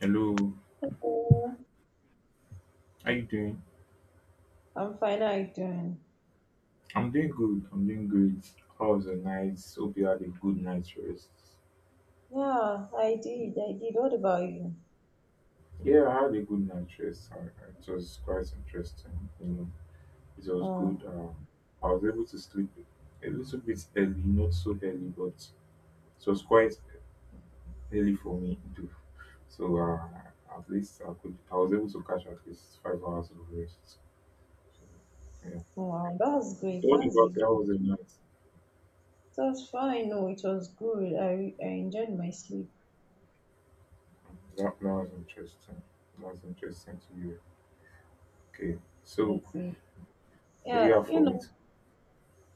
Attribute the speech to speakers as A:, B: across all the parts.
A: Hello,
B: Hello.
A: how you doing?
B: I'm fine. How are you doing?
A: I'm doing good. I'm doing great. How was the night? Hope you had a good night's rest.
B: Yeah, I did. I did. What about you?
A: Yeah, I had a good night's rest. It was quite interesting. It was
B: Oh,
A: good. I was able to sleep a little bit early, not so early, but it was quite early for me too. So at least I could. I was able to catch at least 5 hours of rest. So, yeah.
B: oh, wow. That's great.
A: So what
B: That's
A: about
B: really.
A: you? How
B: It
A: was the night?
B: was fine. No, it was good. I enjoyed my sleep.
A: That was interesting. That was interesting to you. Okay,
B: I
A: so
B: think.
A: what do you
B: Yeah,
A: have
B: you
A: for me?
B: know,
A: To-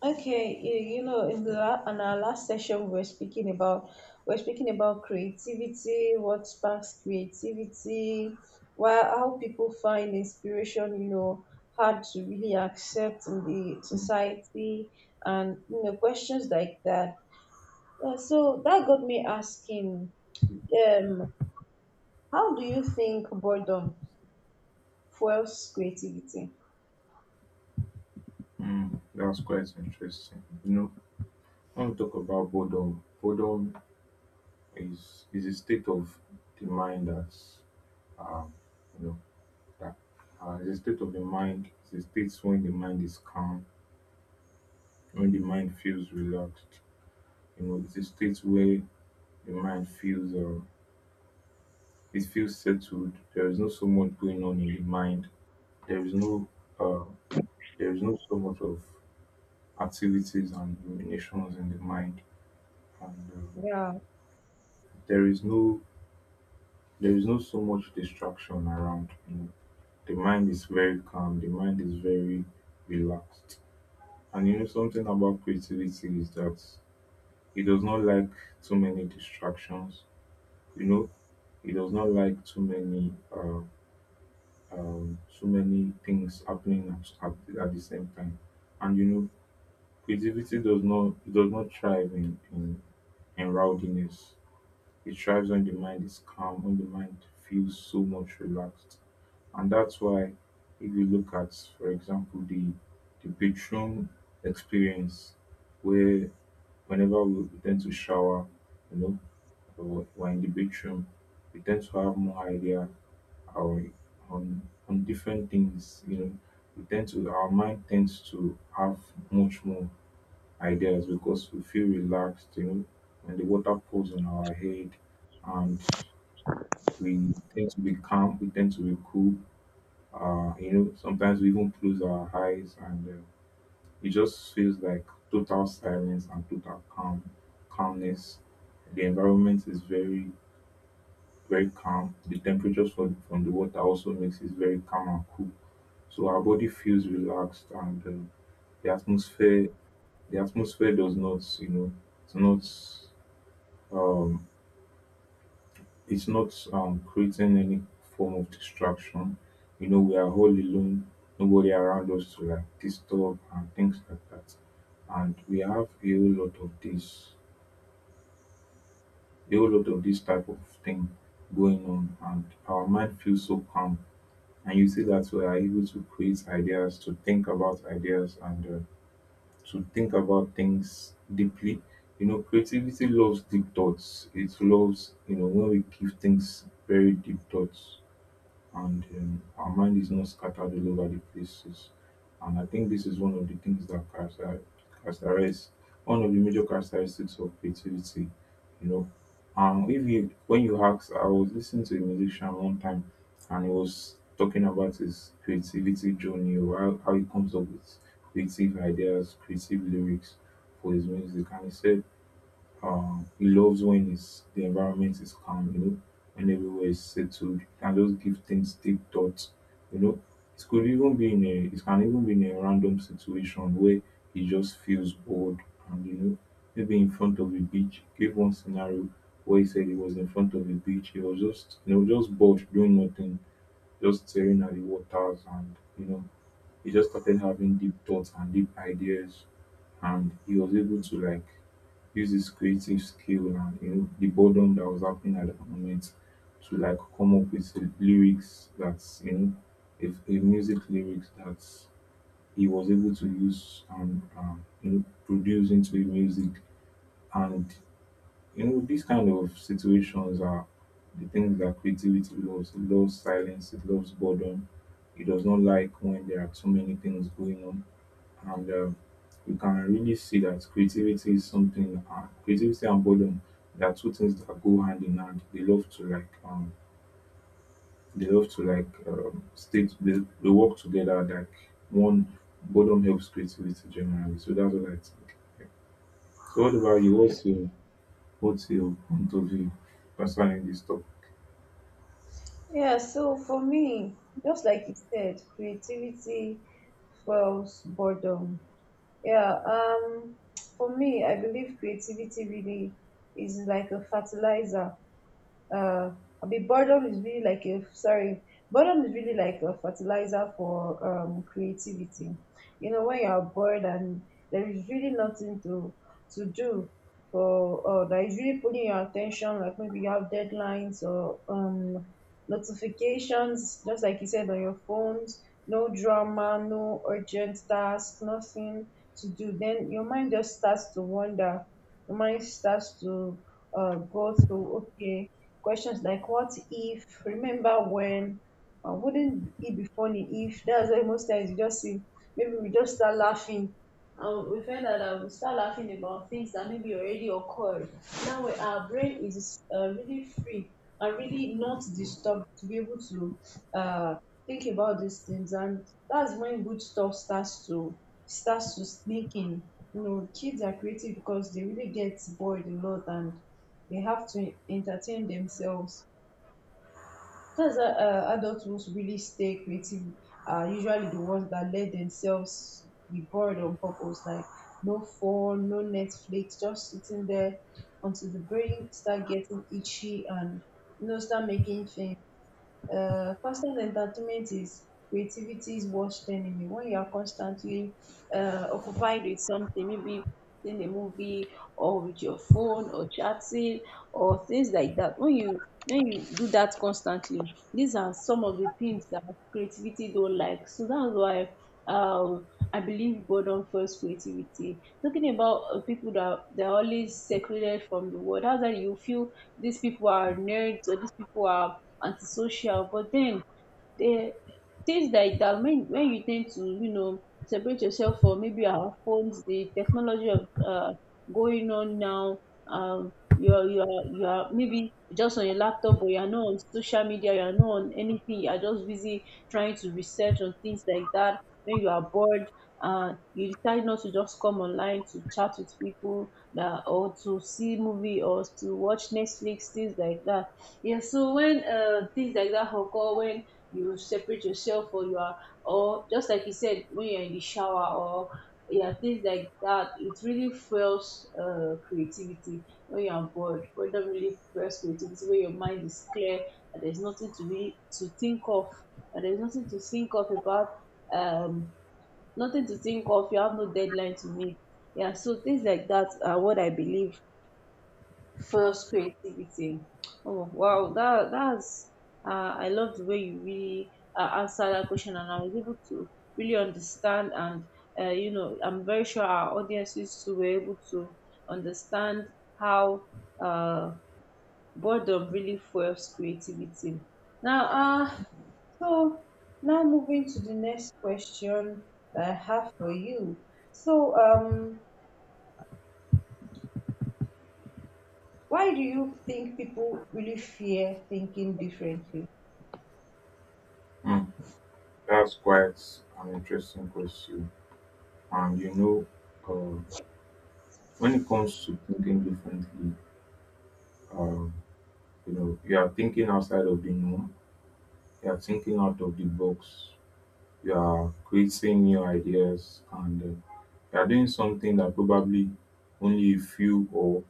B: okay, you know, in our last session, we are speaking about creativity, what sparks creativity, why how people find inspiration, you know, hard to really accept in the society, and you know, questions like that. So that got me asking, um, how do you think boredom fuels creativity?
A: Hmm, that's quite interesting. You know, when we talk about boredom, boredom is a state of the mind that's um you know that is a state of the mind. It's a state when the mind is calm, when the mind feels relaxed. You know, it's a state where the mind feels it feels settled. There is no so much going on in the mind. There is no uh, there is no so much of activities and ruminations in the mind and
B: Yeah.
A: there is no there is no so much distraction around, you know, the mind is very calm, the mind is very relaxed. And you know, something about creativity is that it does not like too many distractions, you know. It does not like too many things happening at, at the same time. And you know, creativity does not, it does not thrive in rowdiness. It thrives when the mind is calm, when the mind feels so much relaxed. And that's why if you look at, for example, the bedroom experience where whenever we tend to shower, you know, or we're in the bedroom, we tend to have more idea our on on different things, you know. We tend to, our mind tends to have much more ideas because we feel relaxed, you know, when the water pours on our head, and we tend to be calm, we tend to be cool. You know, sometimes we even close our eyes, and it just feels like total silence and total calm, calmness. The environment is very, very calm. The temperatures from the water also makes it very calm and cool. So our body feels relaxed, and the atmosphere, the atmosphere does not, you know, it's not. Um, it's not creating any form of distraction. You know, we are all alone, nobody around us to like disturb and things like that. And we have a whole lot of this, a whole lot of this type of thing going on, and our mind feels so calm. And you see that we are able to create ideas, to think about ideas, and to think about things deeply. You know, creativity loves deep thoughts. It loves, you know, when we give things very deep thoughts, and our mind is not scattered all over the places. And I think this is one of the things that characterize one of the major characteristics of creativity. You know, if you when you ask, I was listening to a musician one time, and he was talking about his creativity journey, or how he comes up with creative ideas, creative lyrics for his music, and he said he loves when his the environment is calm, you know, when everywhere is settled. He can just give things deep thoughts, you know. It could even be in a, it can even be in a random situation where he just feels bored and, you know, maybe in front of a beach. Give one scenario where he said he was in front of a beach. He was just, you know, just bored doing nothing, just staring at the waters and, you know, he just started having deep thoughts and deep ideas, and he was able to like use this creative skill and, you know, the boredom that was happening at the moment to like come up with a lyrics that's, you know, if a music lyrics that he was able to use and, you know, produce into a music. And you know, these kind of situations are the things that creativity loves. It loves silence, it loves boredom. It does not like when there are too many things going on, and you can really see that creativity is something creativity and boredom, they are two things that go hand in hand, they love to like they love to like state they work together like one. Boredom helps creativity generally, so that's what I think, yeah. So what about you, what's your point of view concerning this topic?
B: Yeah, so for me, just like you said, creativity fuels boredom. Yeah, for me, I believe creativity really is like a fertilizer uh, I mean, boredom is really like a sorry, boredom is really like a fertilizer for creativity. You know, when you are bored and there is really nothing to do for or that is really pulling your attention, like maybe you have deadlines or notifications, just like you said on your phones, no drama, no urgent task, nothing to do. Then your mind just starts to wander. Your mind starts to go through, okay, questions like what if, remember when, wouldn't it be funny if? That's why most times you just see, maybe we just start laughing. We find out that we start laughing about things that maybe already occurred. Our brain is really free and really not disturbed to be able to uh, think about these things, and that's when good stuff starts to sneak in. You know, kids are creative because they really get bored a lot and they have to entertain themselves. That's why adults who really stay creative are usually the ones that let themselves be bored on purpose, like no phone, no Netflix, just sitting there until the brain start getting itchy and you know start making things. Constant entertainment is creativitys worst enemy. When you are constantly occupied with something, maybe in a movie or with your phone or chatting or things like that, when you do that constantly, these are some of the things that creativity don't like. So that's why um I believe boredom fuels creativity. Talking about people that they're always secluded from the world, that's why you feel these people are nerds or these people are antisocial. But then they, things like that, when you tend to, you know, separate yourself from maybe our phones, the technology of going on now, you're you're maybe just on your laptop but you're not on social media, you're not on anything, you're just busy trying to research on things like that. When you are bored, you decide not to just come online to chat with people that, or to see movie or to watch Netflix, things like that. Yeah, so when things like that occur, when you separate yourself or you are, or just like you said, when you're in the shower or yeah, things like that, it really fuels creativity. When you're bored, boredom really fuels creativity, where your mind is clear and there's nothing to really to think of, and there's nothing to think of about, um nothing to think of, you have no deadline to meet. Yeah, so things like that are what I believe. First creativity. Oh wow, that's I love the way you really answer that question, and I was able to really understand, and you know, I'm very sure our audiences too were able to understand how, uh, boredom really fuels creativity. Now, so now, um, so why?
A: Hmm, that's quite an interesting question. And you know, uh, when it comes to thinking differently, um, you know, you are thinking outside of the norm, you are thinking out of the box, you are creating new ideas, and you are doing something that probably only a few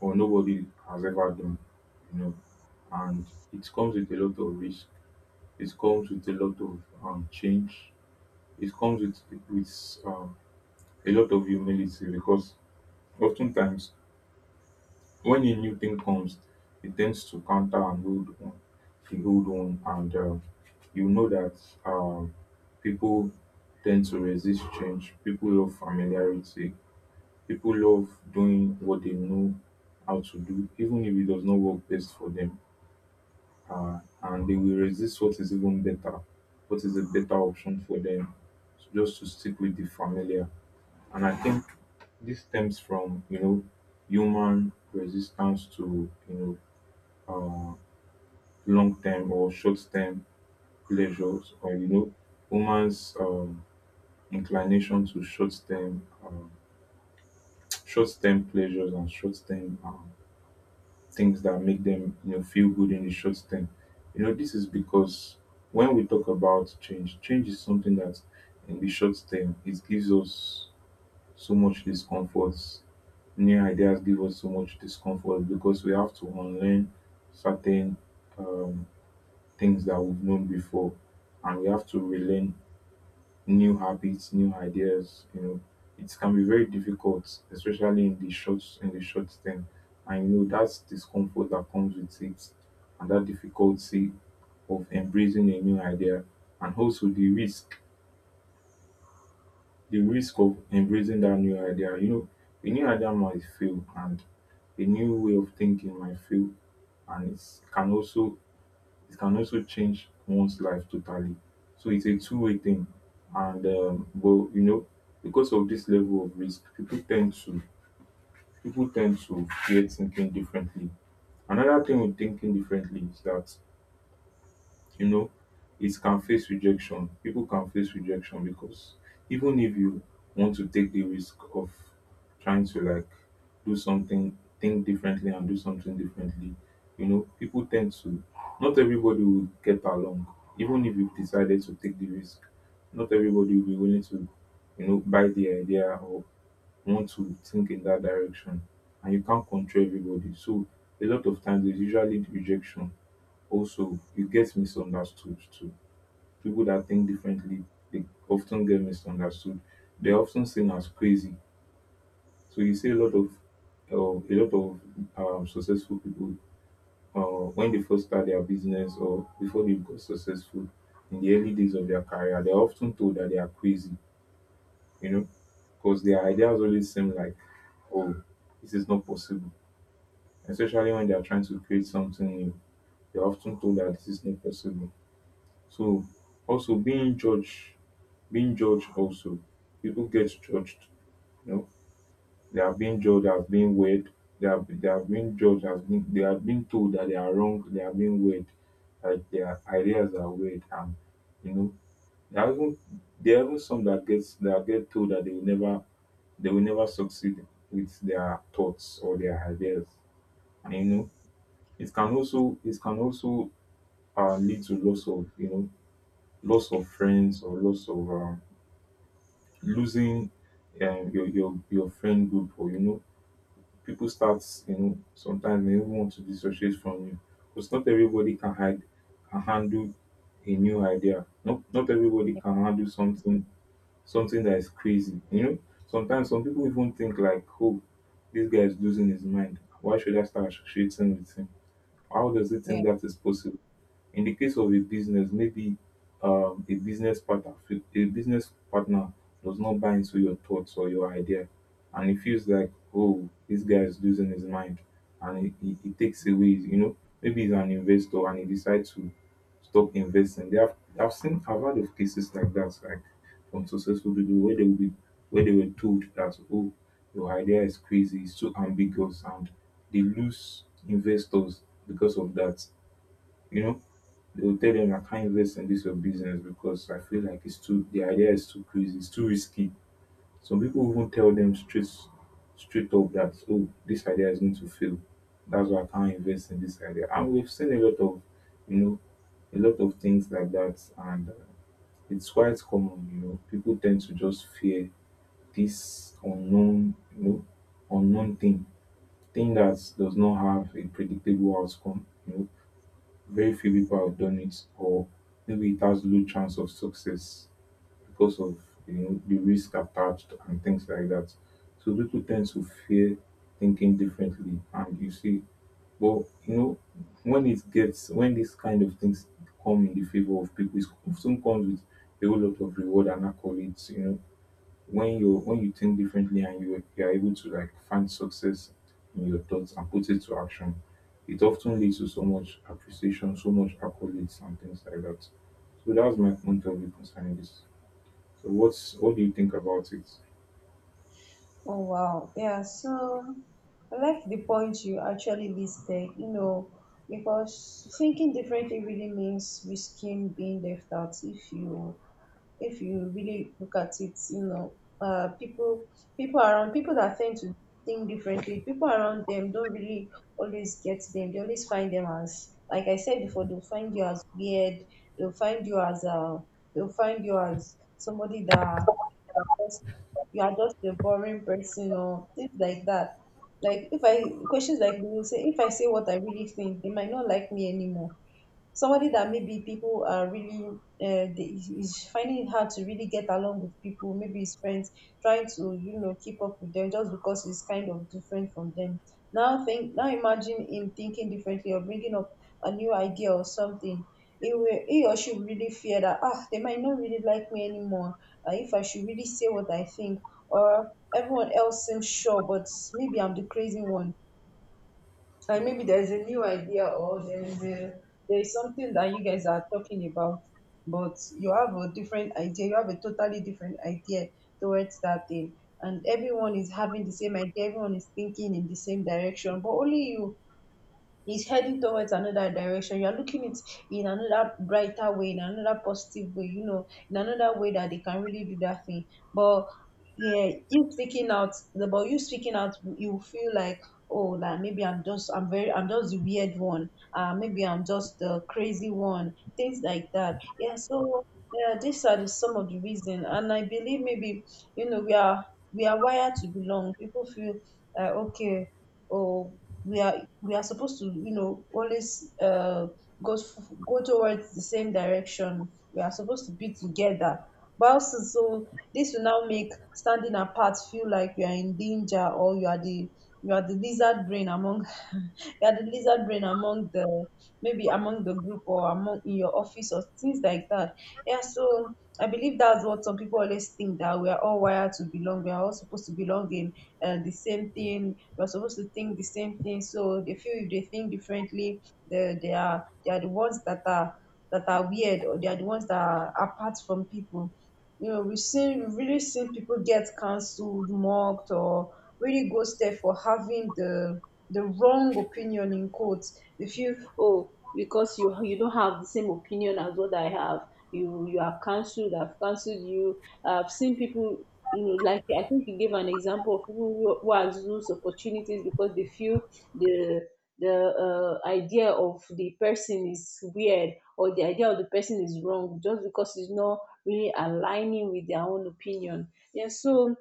A: or nobody has ever done. You know, and it comes with a lot of risk. It comes with a lot of change. It comes with with a lot of humility, because oftentimes when a new thing comes, it tends to counter an old one, the old one, and you know that um, people tend to resist change. People love familiarity. People love doing what they know how to do, even if it does not work best for them. And they will resist what is even better, what is a better option for them, so just to stick with the familiar. And I think this stems from, you know, human resistance to, you know, long term or short term pleasures, or you know, woman's inclination to short term short term pleasures and short term things that make them, you know, feel good in the short term. You know, this is because when we talk about change, change is something that in the short term it gives us so much discomfort. New ideas give us so much discomfort because we have to unlearn certain um, things that we've known before, and we have to relearn new habits, new ideas, you know. It can be very difficult, especially in the short term. I know that's discomfort that comes with it, and that difficulty of embracing a new idea, and also the risk, the risk of embracing that new idea. You know, a new idea might fail and a new way of thinking might fail, and can also it can also change one's life totally. So it's a two-way thing. And but you know, because of this level of risk, people tend to fear thinking differently. Another thing with thinking differently is that, you know, it can face rejection, people can face rejection, because even if you want to take the risk of trying to like do something, think differently and do something differently, you know, people tend to not everybody will get along. Even if you've decided to take the risk, not everybody will be willing to, you know, buy the idea or want to think in that direction, and you can't control everybody. So a lot of times there's usually rejection. Also, you get misunderstood too. People that think differently, they often get misunderstood. They're often seen as crazy. So you see a lot of successful people, when they first start their business or before they got successful, in the early days of their career, they're often told that they are crazy, you know, because their ideas always seem like, oh, this is not possible. Especially when they are trying to create something new, they're often told that this is not possible. So also being judged also, people get judged. You know, they are being judged as being weird. They are being judged as being they are being told that they are wrong. They are being weird. Like their ideas are weird, and you know, there are even there are even some that gets that get told that they will never succeed with their thoughts or their ideas. And it can also lead to loss of, loss of friends, or loss of, losing, your friend group. Or, people start. Sometimes they even want to dissociate from you, because not everybody can handle a new idea. Not everybody can handle something that is crazy. Sometimes some people even think, like, "Oh, this guy is losing his mind. Why should I start associating with him? How does he
B: Yeah.
A: think that is possible?" In the case of a business, maybe, a business partner does not buy into your thoughts or your idea, and it feels like, "Oh, this guy is losing his mind," and it takes away. Maybe he's an investor, and he decides to stop investing. I've heard of cases like that, like from successful people where where they were told that, "Oh, your idea is crazy, it's too ambiguous," and they lose investors because of that. You know they will tell them, "I can't invest in this your business, because I feel like it's too the idea is too crazy, it's too risky." Some people even tell them straight up that, "Oh, this idea is going to fail. That's why I can't invest in this idea." And we've seen a lot of, you know a lot of things like that. And, it's quite common. People tend to just fear this unknown, unknown thing. Thing that does not have a predictable outcome. Very few people have done it, or maybe it has low chance of success because of, the risk attached, and things like that. So people tend to fear thinking differently, and you see. But, when it gets when these kind of things come in the favor of people, it often comes with a whole lot of reward and accolades. When you think differently and you are able to, like, find success in your thoughts and put it to action, it often leads to so much appreciation, so much accolades, and things like that. So that's my point of view concerning this. So, what do you think about it?
B: Oh wow. Yeah, so I like the point you actually listed, you know, because thinking differently really means risking being left out if you really look at it, you know, people, people around people that tend to think differently, people around them don't really always get them. They always find them as, like I said before, they'll find you as weird, they'll find you as somebody that that you are just a boring person or things like that. Like if I questions like you say, If I say what I really think, they might not like me anymore. Somebody that maybe people are really is finding it hard to really get along with people, maybe his friends, trying to you know keep up with them just because he's kind of different from them, now imagine him thinking differently or bringing up a new idea or something. He or she will really fear that, ah, they might not really like me anymore if I should really say what I think. Or everyone else seems sure, but maybe I'm the crazy one. And maybe there's a new idea, or there's a there's something that you guys are talking about, but you have a different idea, you have a totally different idea towards that thing. And everyone is having the same idea, everyone is thinking in the same direction, but only you is heading towards another direction. You are looking it in another brighter way, in another positive way, you know, in another way that they can really do that thing. But yeah you speaking out, you feel like, oh, that maybe I'm just the weird one, maybe I'm just the crazy one, things like that. Yeah, so yeah, these are the, some of the reason, and I believe maybe you know we are wired to belong. People feel, okay, oh, we are supposed to you know always go towards the same direction, we are supposed to be together. But also, so this will now make standing apart feel like you are in danger, or you are the, you are the lizard brain among you are the lizard brain among the, maybe among the group, or among in your office or things like that. Yeah, so I believe that's what some people always think, that we are all wired to belong. We are all supposed to belong in the same thing. We're supposed to think the same thing. So they feel if they think differently, they are the ones that are weird, or they are the ones that are apart from people. You know, we've really seen people get cancelled, mocked, or really ghosted for having the wrong opinion, in quotes. If you, oh, because you don't have the same opinion as what I have, you are cancelled, I've cancelled you. I've seen people, you know, like I think you gave an example of people who has lose opportunities because they feel the, idea of the person is weird, or the idea of the person is wrong just because it's not really aligning with their own opinion. Yeah so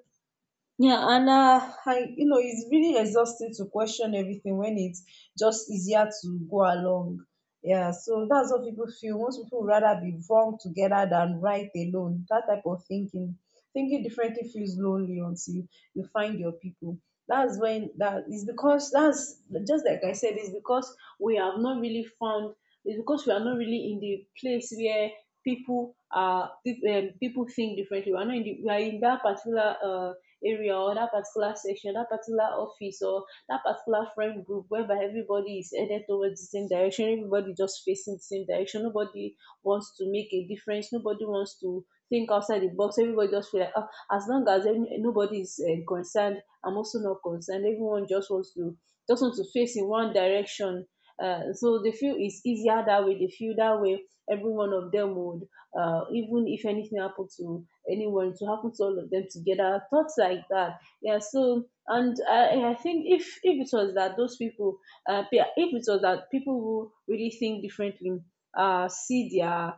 B: yeah, and I, you know, it's really exhausting to question everything when it's just easier to go along. Yeah, so that's what people feel. Most people would rather be wrong together than right alone. That type of thinking, thinking differently feels lonely until you find your people. That's when, that is because that's, just like I said, it's because we have not really found. It's because we are not really in the place where people are people think differently. We are not in the, we are in that particular area, or that particular section, that particular office, or that particular friend group whereby everybody is headed towards the same direction, everybody just facing the same direction. Nobody wants to make a difference, nobody wants to think outside the box. Everybody just feel like, oh, as long as any, nobody is concerned, I'm also not concerned. Everyone just want to face in one direction. So they feel it's easier that way. They feel that way. Every one of them would, even if anything happened to anyone, to happen to all of them together. Thoughts like that. Yeah. So, and I think if it was that those people, pe- if it was that people who really think differently, see their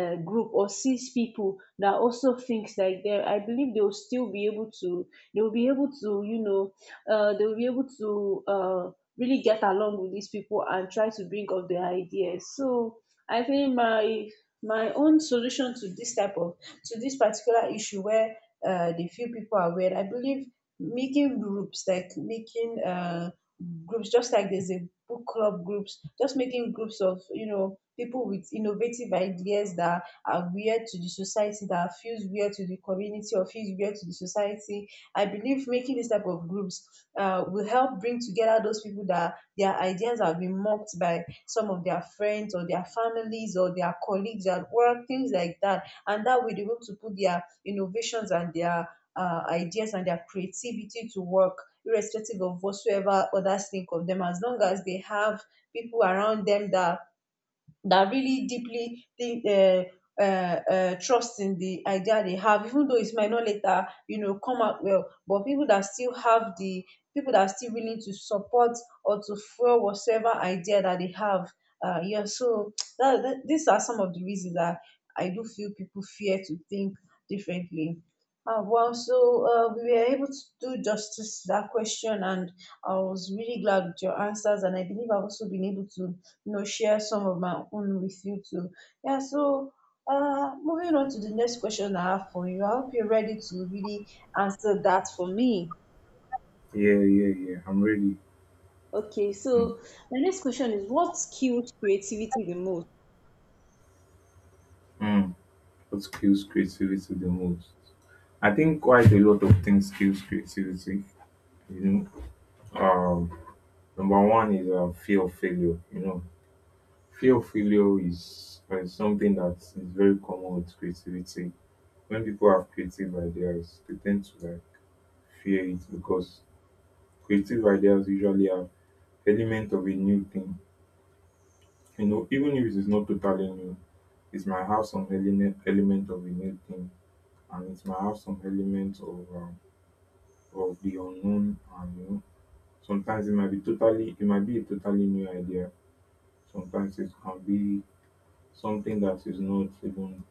B: group, or sees people that also thinks like them, I believe they will still be able to. They will be able to, you know, they will be able to really get along with these people and try to bring up their ideas. So I think my own solution to this type of, to this particular issue where the few people are aware. I believe making groups, like making groups, just like there's a book club groups, just making groups of, you know, people with innovative ideas that are weird to the society, that feels weird to the community or feels weird to the society. I believe making this type of groups will help bring together those people that their ideas have been mocked by some of their friends or their families or their colleagues at work, things like that, and that way they want to put their innovations and their ideas and their creativity to work irrespective of whatsoever others think of them as long as they have people around them that that really deeply think uh, trust in the idea they have, even though it might not later, you know, come out well. But people that still have the people that are still willing to support or to fuel whatever idea that they have. Yeah, so these are some of the reasons that I do feel people fear to think differently. Well, we were able to do justice to that question, and I was really glad with your answers, and I believe I've also been able to, you know, share some of my own with you too. Yeah, so moving on to the next question I have for you. I hope you're ready to really answer that for me.
A: Yeah, yeah, yeah. I'm ready.
B: Okay,
A: Mm,
B: so my next question is, what skewed creativity the most?
A: mm. What skills creativity the most? I think quite a lot of things skills creativity. You know, um, Number one is, fear of failure. Fear of failure is, something that is very common with creativity. When people have creative ideas, they tend to, like, fear it, because creative ideas usually have element of a new thing. You know, even if it is not totally new, it might have some element of a new thing, and it might have some element of the unknown. And, sometimes it might be totally, it might be a totally new idea. Sometimes it can be something that is not even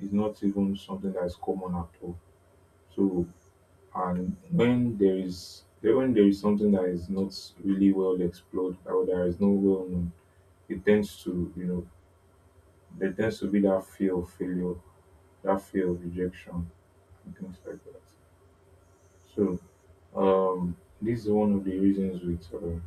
A: is not even something that is common at all. So, and when there is something that is not really well explored, or there is no well known, it tends to you know there tends to be that fear of failure, that fear of rejection, and things like that. So, um, this is one of the reasons with,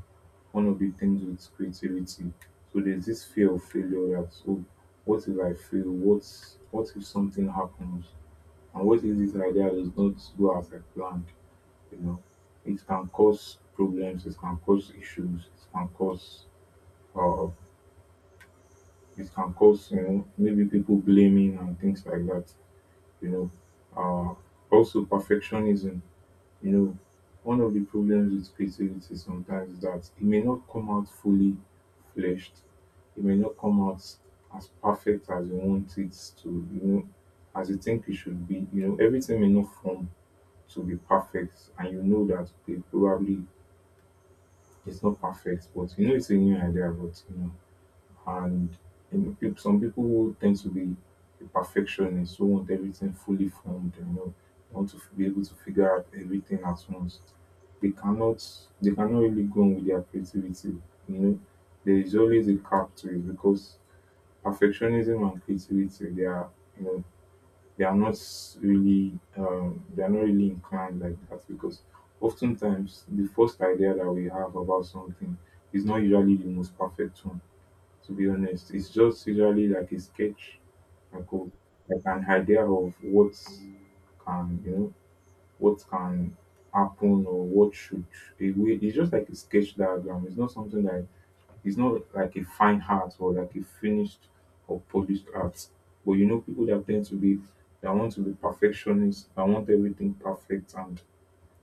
A: one of the things with creativity. So there's this fear of failure that, "Oh, what if I fail? What if something happens? And what if this idea does not go as I planned?" You know, it can cause problems, it can cause issues, it can cause, uh maybe people blaming, and things like that, you know. Also perfectionism. you know, One of the problems with creativity sometimes is that it may not come out fully fleshed. It may not come out as perfect as you want it to, as you think it should be. You know, everything may not form to be perfect, and you know that, okay, probably it's not perfect, but you know it's a new idea. But, you know, and you know, peop- some people tend to be a perfectionist who want everything fully formed, want to be able to figure out everything at once. They cannot they cannot really go on with their creativity, you know. There is always a cap to it, because perfectionism and creativity, you know they are not really, inclined like that, because oftentimes the first idea that we have about something is not usually the most perfect one. To be honest, it's just usually like a sketch, like an idea of can you know what can happen, or what should, a way. It's just like a sketch diagram. It's not like a fine art, or like a finished or polished art. But, people that want to be perfectionists, that want everything perfect, and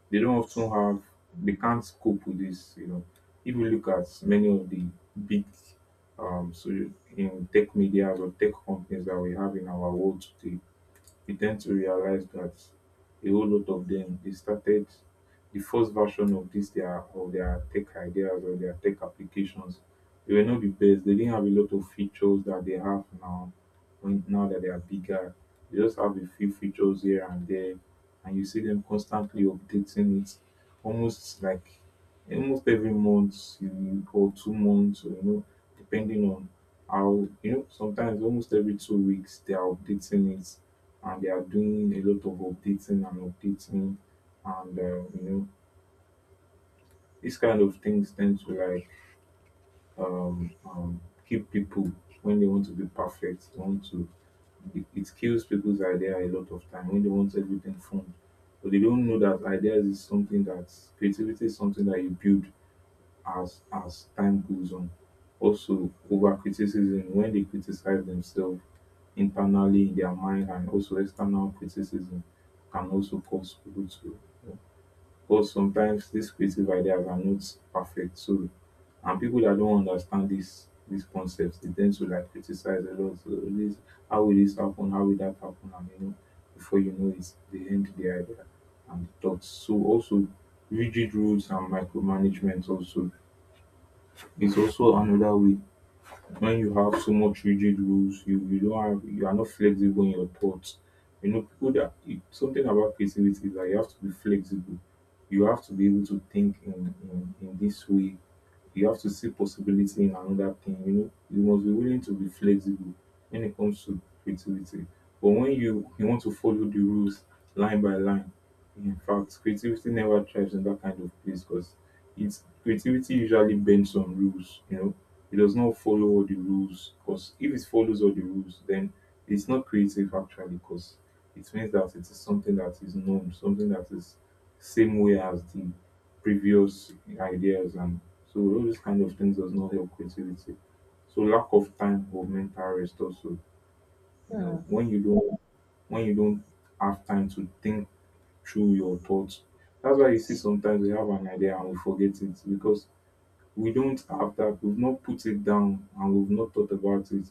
A: they don't often have they can't cope with this. You know, if you look at many of the big so in tech media or tech companies that we have in our world today, we tend to realize that a whole lot of them, they started the first version of, this their of their tech ideas or their tech applications. They were not the best. They didn't have a lot of features that they have now. When now that they are bigger, they just have a few features here and there. And you see them constantly updating it, almost like almost every month, or 2 months, or, depending on how, sometimes almost every 2 weeks they are updating it. And they are doing a lot of updating and updating. And, these kind of things tend to, like, um, um, keep people. When they want to be perfect, they want to it kills people's idea a lot of time when they want everything formed. But they don't know that ideas is something that creativity is something that you build as time goes on. Also, over criticism, when they criticize themselves internally in their mind, and also external criticism can also cause people to, because sometimes these creative ideas are not perfect. So, and people that don't understand this these concepts, they tend to, like, criticize a lot. So, this how will this happen? How will that happen? And, before you know it, they end the idea and the thoughts. So also rigid rules and micromanagement also is also another way. When you have so much rigid rules, you don't have you are not flexible in your thoughts. Something about creativity is that you have to be flexible. You have to be able to think in this way. You have to see possibility in another thing. You must be willing to be flexible when it comes to creativity. But when you want to follow the rules line by line, in fact, creativity never thrives in that kind of place, because it's creativity usually bends on rules. You know, it does not follow all the rules, because if it follows all the rules, then it's not creative actually, because it means that it is something that is known, something that is same way as the previous ideas. And so all these kind of things does not help creativity. So lack of time or mental rest also. You
B: Hmm.
A: know, when you don't have time to think through your thoughts. That's why you see, sometimes we have an idea and we forget it, because we don't have that, we've not put it down, and we've not thought about it.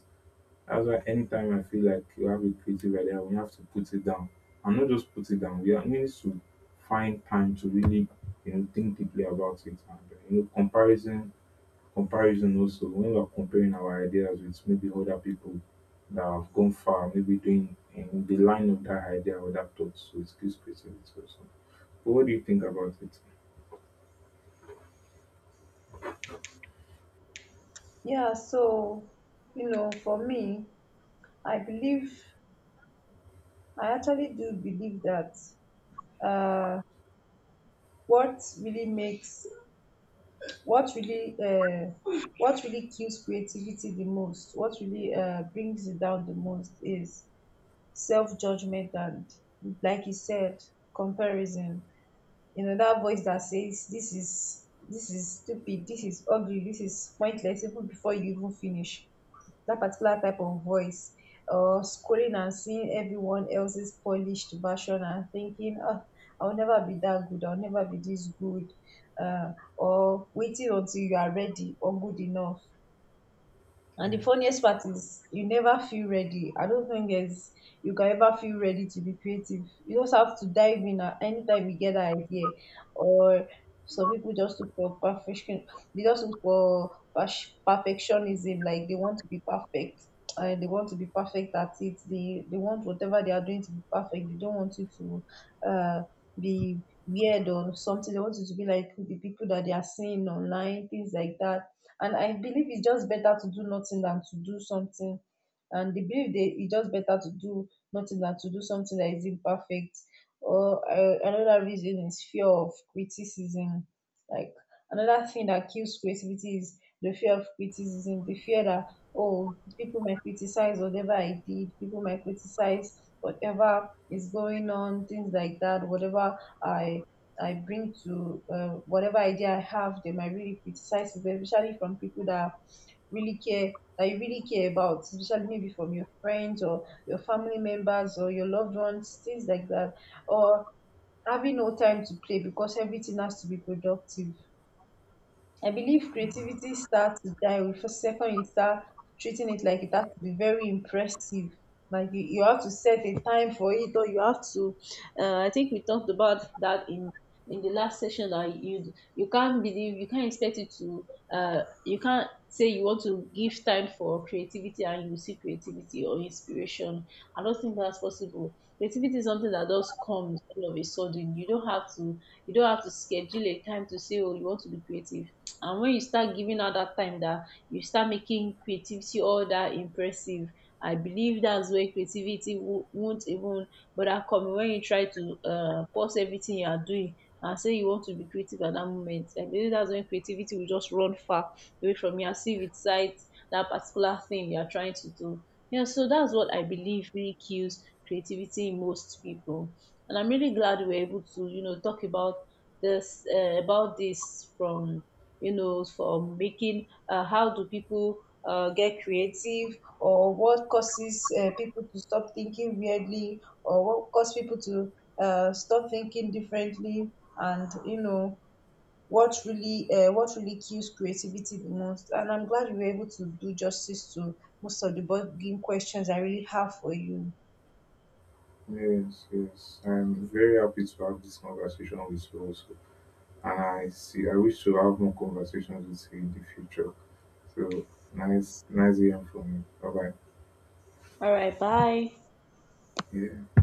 A: That's why anytime I feel like you have a creative idea, we have to put it down. And not just put it down. We need to find time to really, think deeply about it. And, comparison also. When we are comparing our ideas with maybe other people that have gone far, maybe doing in the line of that idea or that thought, so it gives creativity also. But what do you think about it?
B: Yeah, so, you know, for me, I believe, I actually do believe that what really makes, what really, uh, what really kills creativity the most, what really brings it down the most is self-judgment and, like you said, comparison. You know, that voice that says, this is, this is stupid, this is ugly, this is pointless, even before you even finish, that particular type of voice, or scrolling and seeing everyone else's polished version and thinking, oh, I'll never be that good, I'll never be this good. Or waiting until you are ready or good enough. And the funniest part is, you never feel ready. I don't think there's, you can ever feel ready to be creative. You just have to dive in at any time you get an idea. Or some people just look for perfection. They just look for perfectionism. Like, they want to be perfect. And they want to be perfect at it. They want whatever they are doing to be perfect. They don't want it to uh be weird or something. They want it to be like the people that they are seeing online, things like that, and I believe it's just better to do nothing than to do something, and the belief dey it's just better to do nothing than to do something that is imperfect. Or another reason is fear of criticism. Like, another thing that kills creativity is the fear of criticism, the fear that, oh, people might criticize whatever I did, people might criticize whatever is going on, things like that, whatever i I bring to whatever idea I have, they might really criticize it, especially from people that really care, that you really care about, especially maybe from your friends or your family members or your loved ones, things like that. Or having no time to play because everything has to be productive. I believe
A: Mm.
B: creativity starts to die with the second you start treating it like it has to be very impressive. Like you have to set a time for it, or you have to. I think we talked about that in the last session that you can't believe you can't expect it to. You can't say you want to give time for creativity and you see creativity or inspiration. I don't think that's possible. Creativity is something that just comes all of a sudden. You don't have to schedule a time to say, oh, you want to be creative, and when you start giving out that time that you start making creativity all that impressive, I believe that's where creativity won't even bother coming. When you try to pause everything you are doing and say you want to be creative at that moment, I believe that's when creativity will just run far away from you, as if it cites that particular thing you are trying to do. Yeah, so that's what I believe really kills creativity in most people. And I'm really glad we were able to, you know, talk about this from, you know, for making, how do people get creative, or what causes people to stop thinking weirdly, or what causes people to stop thinking differently, and you know what really kills creativity the most. And I'm glad you were able to do justice to most of the bugging questions I really have for you.
A: Yes, yes. I'm very happy to have this conversation with you also, and I wish to have more conversations with you in the future. So, nice hearing from you. Bye bye.
B: All right, bye.
A: Yeah.